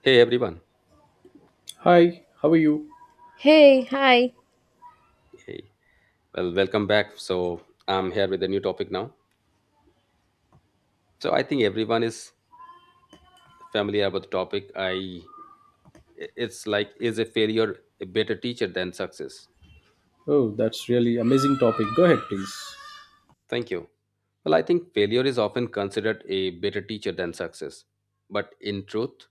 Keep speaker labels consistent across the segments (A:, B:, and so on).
A: Hey everyone.
B: Hi, how are you?
C: Hey, hi.
A: Hey. Well, welcome back. So, I'm here with a new topic now. So, I think everyone is familiar with the topic. I It's like, is a failure a better teacher than success?
B: Oh, that's really amazing topic. Go ahead, please.
A: Thank you. Well, I think failure is often considered a better teacher than success. But in truth,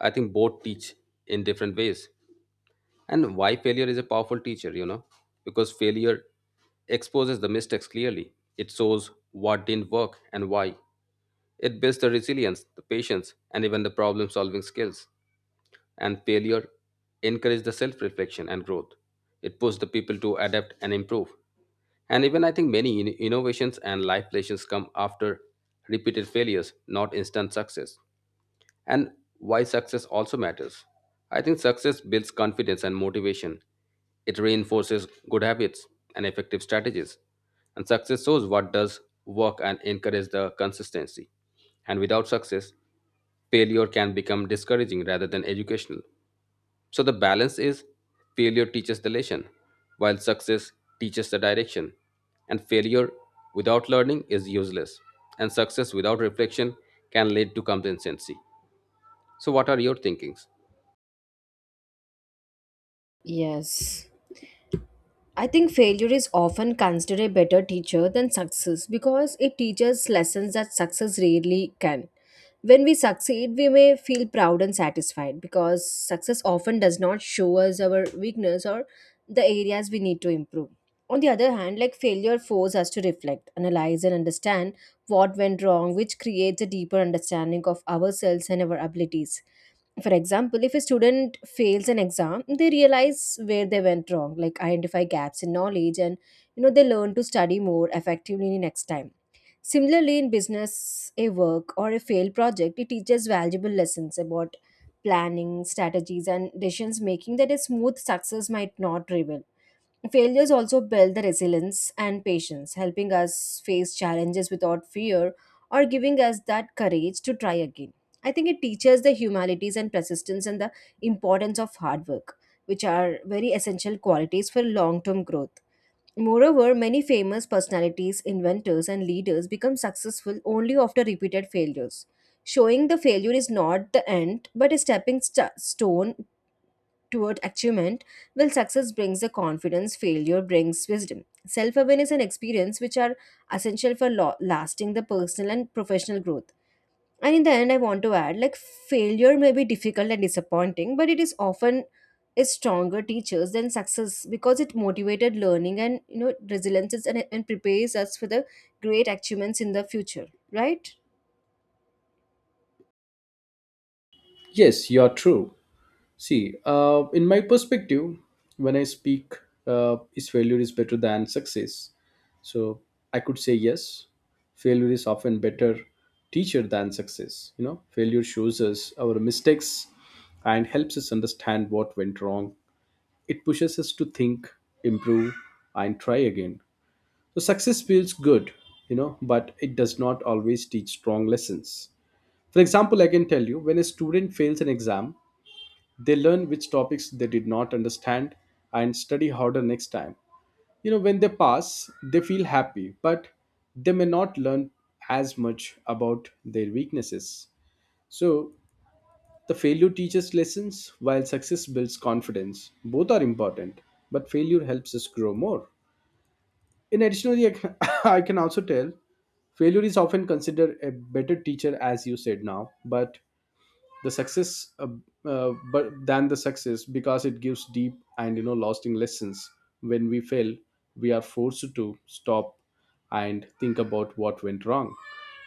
A: I think both teach in different ways. And why failure is a powerful teacher, you know? Because failure exposes the mistakes clearly. It shows what didn't work and why. It builds the resilience, the patience, and even the problem solving skills. And failure encourages the self reflection and growth. It pushes the people to adapt and improve. And even I think many innovations and life lessons come after repeated failures, not instant success, and why success also matters. I think success builds confidence and motivation. It reinforces good habits and effective strategies. And success shows what does work and encourages the consistency. And without success, failure can become discouraging rather than educational. So the balance is, failure teaches the lesson, while success teaches the direction. And failure without learning is useless, and success without reflection can lead to complacency. So, what are your thinkings?
C: Yes, I think failure is often considered a better teacher than success because it teaches lessons that success rarely can. When we succeed, we may feel proud and satisfied because success often does not show us our weakness or the areas we need to improve. On the other hand, like, failure forces us to reflect, analyze, and understand what went wrong, which creates a deeper understanding of ourselves and our abilities. For example, if a student fails an exam, they realize where they went wrong, like identify gaps in knowledge, and you know they learn to study more effectively next time. Similarly, in business, a work or a failed project, it teaches valuable lessons about planning strategies and decisions making that a smooth success might not reveal. Failures also build the resilience and patience, helping us face challenges without fear or giving us that courage to try again. I think it teaches the humanities and persistence and the importance of hard work, which are very essential qualities for long term growth. Moreover, many famous personalities, inventors, and leaders become successful only after repeated failures, showing the failure is not the end but a stepping stone toward achievement, while success brings the confidence, failure brings wisdom. Self awareness and experience, which are essential for lasting the personal and professional growth. And in the end, I want to add, like, failure may be difficult and disappointing, but it is often a stronger teachers than success because it motivated learning and you know resilience, and prepares us for the great achievements in the future, right?
B: Yes, you are true. See, in my perspective, when I speak, is failure is better than success. So I could say yes. Failure is often better teacher than success. You know, failure shows us our mistakes and helps us understand what went wrong. It pushes us to think, improve, and try again. So success feels good, you know, but it does not always teach strong lessons. For example, I can tell you when a student fails an exam, they learn which topics they did not understand and study harder next time. You know, when they pass, they feel happy, but they may not learn as much about their weaknesses. So, the failure teaches lessons while success builds confidence. Both are important, but failure helps us grow more. In additionally, I can, I can also tell failure is often considered a better teacher, as you said now, but the success, but than the success because it gives deep and you know lasting lessons. When we fail, we are forced to stop and think about what went wrong.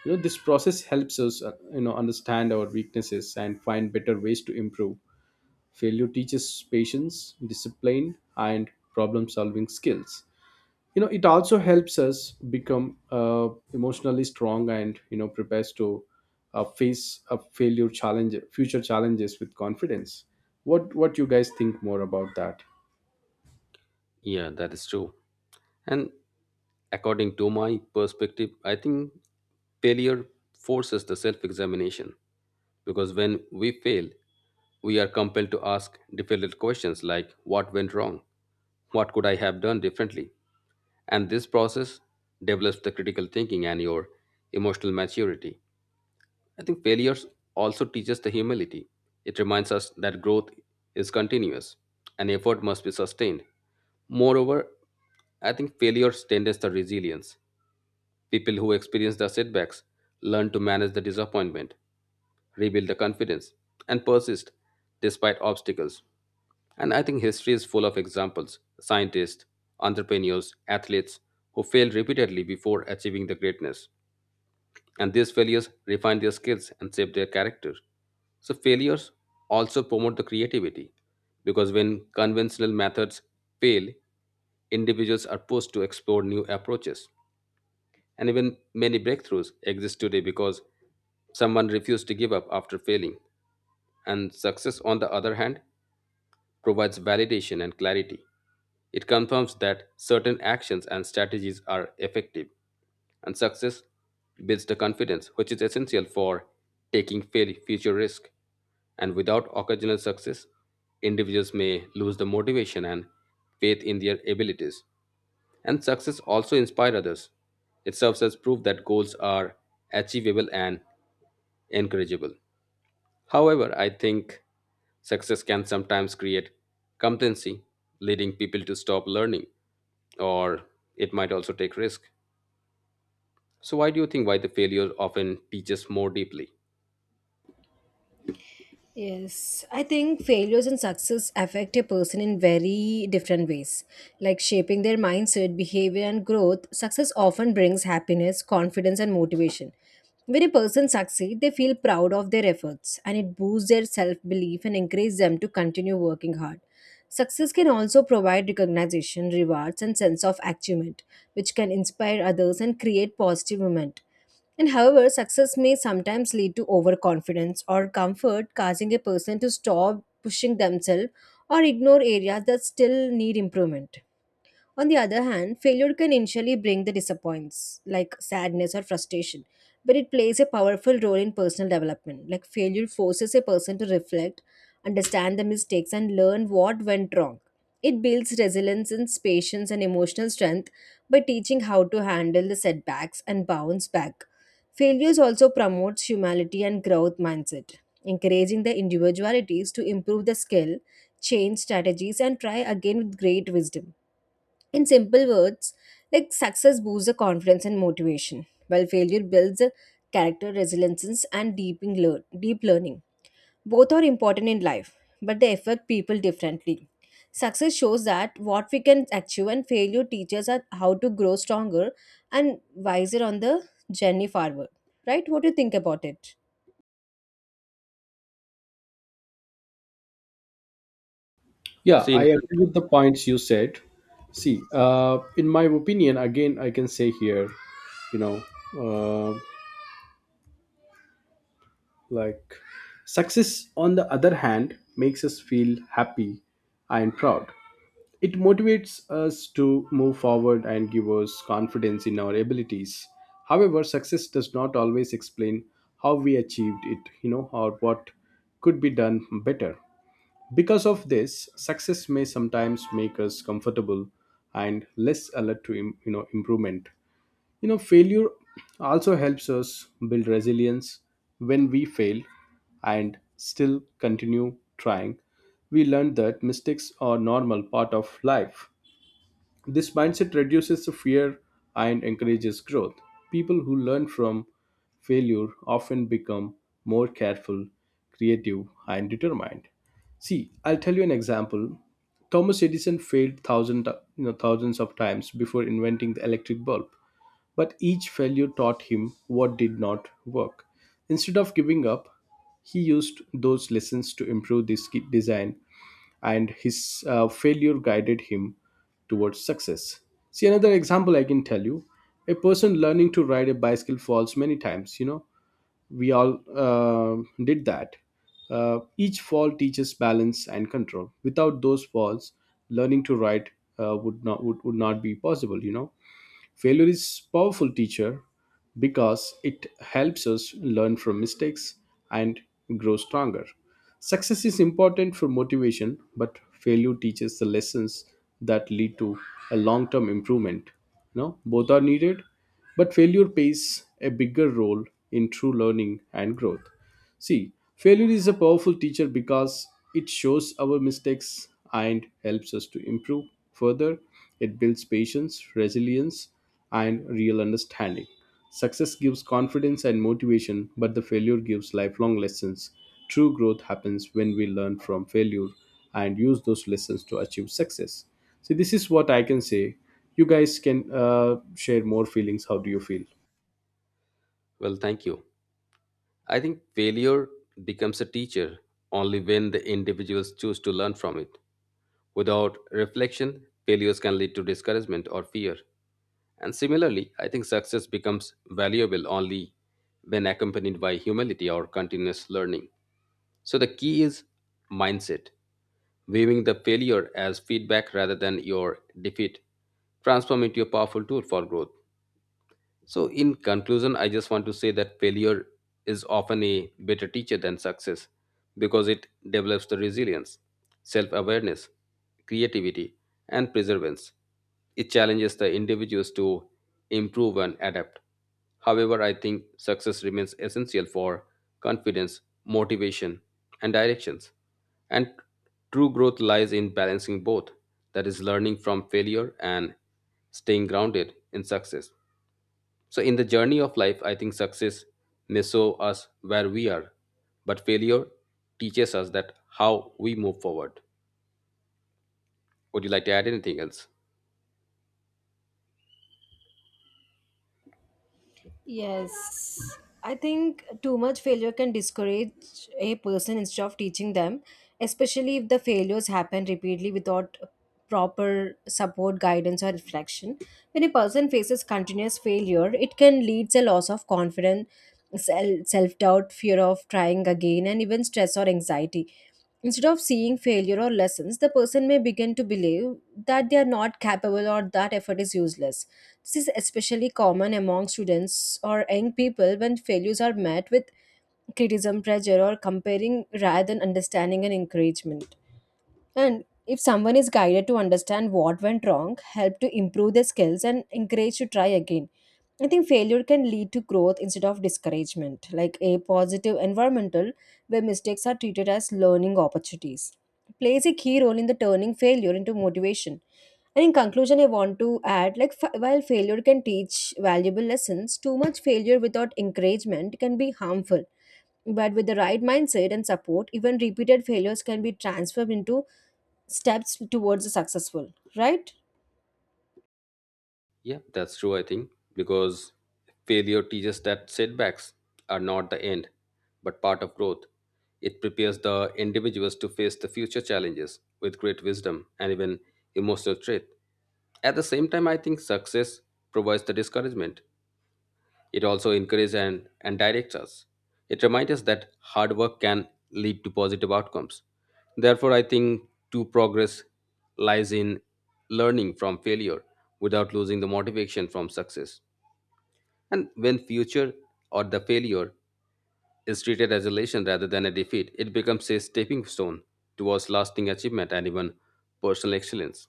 B: You know, this process helps us, you know, understand our weaknesses and find better ways to improve. Failure teaches patience, discipline, and problem-solving skills. You know it also helps us become emotionally strong and you know prepares to face a failure challenge future challenges with confidence. What you guys think more about that?
A: Yeah, that is true. And according to my perspective, I think failure forces the self examination, because when we fail, we are compelled to ask difficult questions like, what went wrong? What could I have done differently? And this process develops the critical thinking and your emotional maturity. I think failures also teaches the humility. It reminds us that growth is continuous and effort must be sustained. Moreover, I think failures tends the resilience. People who experience the setbacks learn to manage the disappointment, rebuild the confidence, and persist despite obstacles. And I think history is full of examples: scientists, entrepreneurs, athletes who failed repeatedly before achieving the greatness, and these failures refine their skills and shape their character. So, failures also promote the creativity, because when conventional methods fail, individuals are pushed to explore new approaches. And even many breakthroughs exist today because someone refused to give up after failing. And success, on the other hand, provides validation and clarity. It confirms that certain actions and strategies are effective, and success builds the confidence, which is essential for taking future risk, and without occasional success, individuals may lose the motivation and faith in their abilities, and success also inspires others. It serves as proof that goals are achievable and encourageable. However, I think success can sometimes create complacency, leading people to stop learning, or it might also take risk. So, why do you think why the failure often teaches more deeply?
C: Yes, I think failures and success affect a person in very different ways, like shaping their mindset, behavior, and growth. Success often brings happiness, confidence, and motivation. When a person succeeds, they feel proud of their efforts and it boosts their self belief and encourages them to continue working hard. Success can also provide recognition, rewards, and sense of achievement, which can inspire others and create positive momentum. And however, success may sometimes lead to overconfidence or comfort, causing a person to stop pushing themselves or ignore areas that still need improvement. On the other hand, failure can initially bring the disappointments, like sadness or frustration, but it plays a powerful role in personal development. Like, failure forces a person to reflect, understand the mistakes, and learn what went wrong. It builds resilience and patience and emotional strength by teaching how to handle the setbacks and bounce back. Failures also promotes humility and growth mindset, encouraging the individualities to improve the skill, change strategies, and try again with great wisdom. In simple words, like success boosts the confidence and motivation, while failure builds the character, resilience, and deep learning. Both are important in life, but they affect people differently. Success shows that what we can achieve, and failure teaches us how to grow stronger and wiser on the journey forward. Right? What do you think about it?
B: Yeah,
A: See,
B: I
A: in
B: agree
A: conclusion,
B: with the points you said. See, in my opinion again I can say here, you know, uh, like success on the other hand makes us feel happy and proud. It motivates us to move forward and give us confidence in our abilities. However, success does not always explain how we achieved it, you know, or what could be done better. Because of this, success may sometimes make us comfortable and less alert to you know improvement. You know, failure also helps us build resilience when we fail and still continue trying. We learn that mistakes are normal part of life. This mindset reduces the fear and encourages growth. People who learn from failure often become more careful, creative, and determined. See, I'll tell you an example. Thomas Edison failed thousand, you know, thousands of times before inventing the electric bulb, but each failure taught him what did not work. Instead of giving up, he used those lessons to improve design, and his failure guided him towards success. See, another example I can tell you: a person learning to ride a bicycle falls many times, you know, we all did that. Each fall teaches balance and control. Without those falls, learning to ride would not be possible. You know, failure is powerful teacher because it helps us learn from mistakes and grow stronger. Success is important for motivation, but failure teaches the lessons that lead to a long-term improvement. No, both are needed, but failure plays a bigger role in true learning and growth. See, failure is a powerful teacher because it shows our mistakes and helps us to improve further. It builds patience, resilience, and real understanding. Success gives confidence and motivation, but the failure gives lifelong lessons. True growth happens when we learn from failure and use those lessons to achieve success. See, this is what I can say. You guys can share more feelings. How do you feel?
A: well, thank you. I think failure becomes a teacher only when the individuals choose to learn from it. Without reflection, failures can lead to discouragement or fear. And similarly, I think success becomes valuable only when accompanied by humility or continuous learning. So, the key is mindset. Viewing the failure as feedback rather than your defeat transform into a powerful tool for growth. So, in conclusion, I just want to say that failure is often a better teacher than success because it develops the resilience, self awareness, creativity, and perseverance. It challenges the individuals to improve and adapt. However, I think success remains essential for confidence, motivation, and directions. And true growth lies in balancing both, that is, learning from failure and staying grounded in success. So, in the journey of life, I think success may show us where we are, but failure teaches us that how we move forward. Would you like to add anything else?
C: Yes, I think too much failure can discourage a person instead of teaching them, especially if the failures happen repeatedly without proper support, guidance, or reflection. When a person faces continuous failure, it can lead to a loss of confidence, self doubt, fear of trying again, and even stress or anxiety. Instead of seeing failure or lessons, the person may begin to believe that they are not capable or that effort is useless. This is especially common among students or young people when failures are met with criticism, pressure, or comparing rather than understanding and encouragement. And if someone is guided to understand what went wrong, help to improve their skills, and encouraged to try again, I think failure can lead to growth instead of discouragement, like a positive environmental where mistakes are treated as learning opportunities. Plays a key role in the turning failure into motivation. And in conclusion, I want to add, like, while failure can teach valuable lessons, too much failure without encouragement can be harmful, but with the right mindset and support, even repeated failures can be transformed into steps towards the successful, right?
A: Yeah, that's true, I think, because failure teaches that setbacks are not the end, but part of growth. It prepares the individuals to face the future challenges with great wisdom and even emotional strength. At the same time, I think success provides the discouragement. It also encourages and directs us. It reminds us that hard work can lead to positive outcomes. Therefore, I think true progress lies in learning from failure without losing the motivation from success. And when future or the failure is treated as a lesson rather than a defeat, it becomes a stepping stone towards lasting achievement and even personal excellence.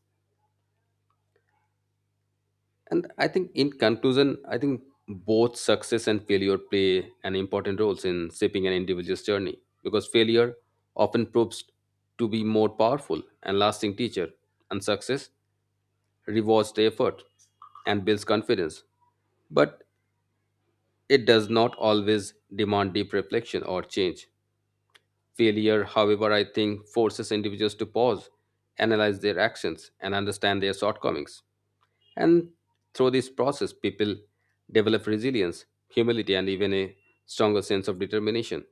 A: And I think, in conclusion, I think both success and failure play an important roles in shaping an individual's journey, because failure often proves to be more powerful and lasting teacher, and success rewards the effort and builds confidence. But it does not always demand deep reflection or change. Failure, however, I think forces individuals to pause, analyze their actions, and understand their shortcomings. And through this process, people develop resilience, humility, and even a stronger sense of determination.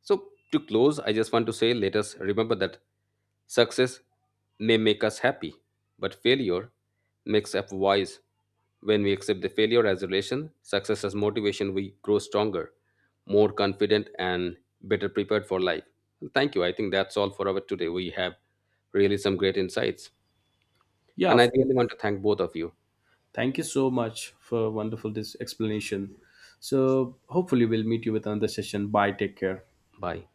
A: So, to close, I just want to say let us remember that success may make us happy, but failure makes us wise. When we accept the failure as a relation, success as motivation, we grow stronger, more confident, and better prepared for life. Thank you. I think that's all for our today. We have really some great insights.
B: Yeah,
A: And I
B: of
A: really want
B: course.
A: to thank both of you.
B: Thank you so much for wonderful this explanation. So hopefully we'll meet you with another session. Bye. Take care.
A: Bye.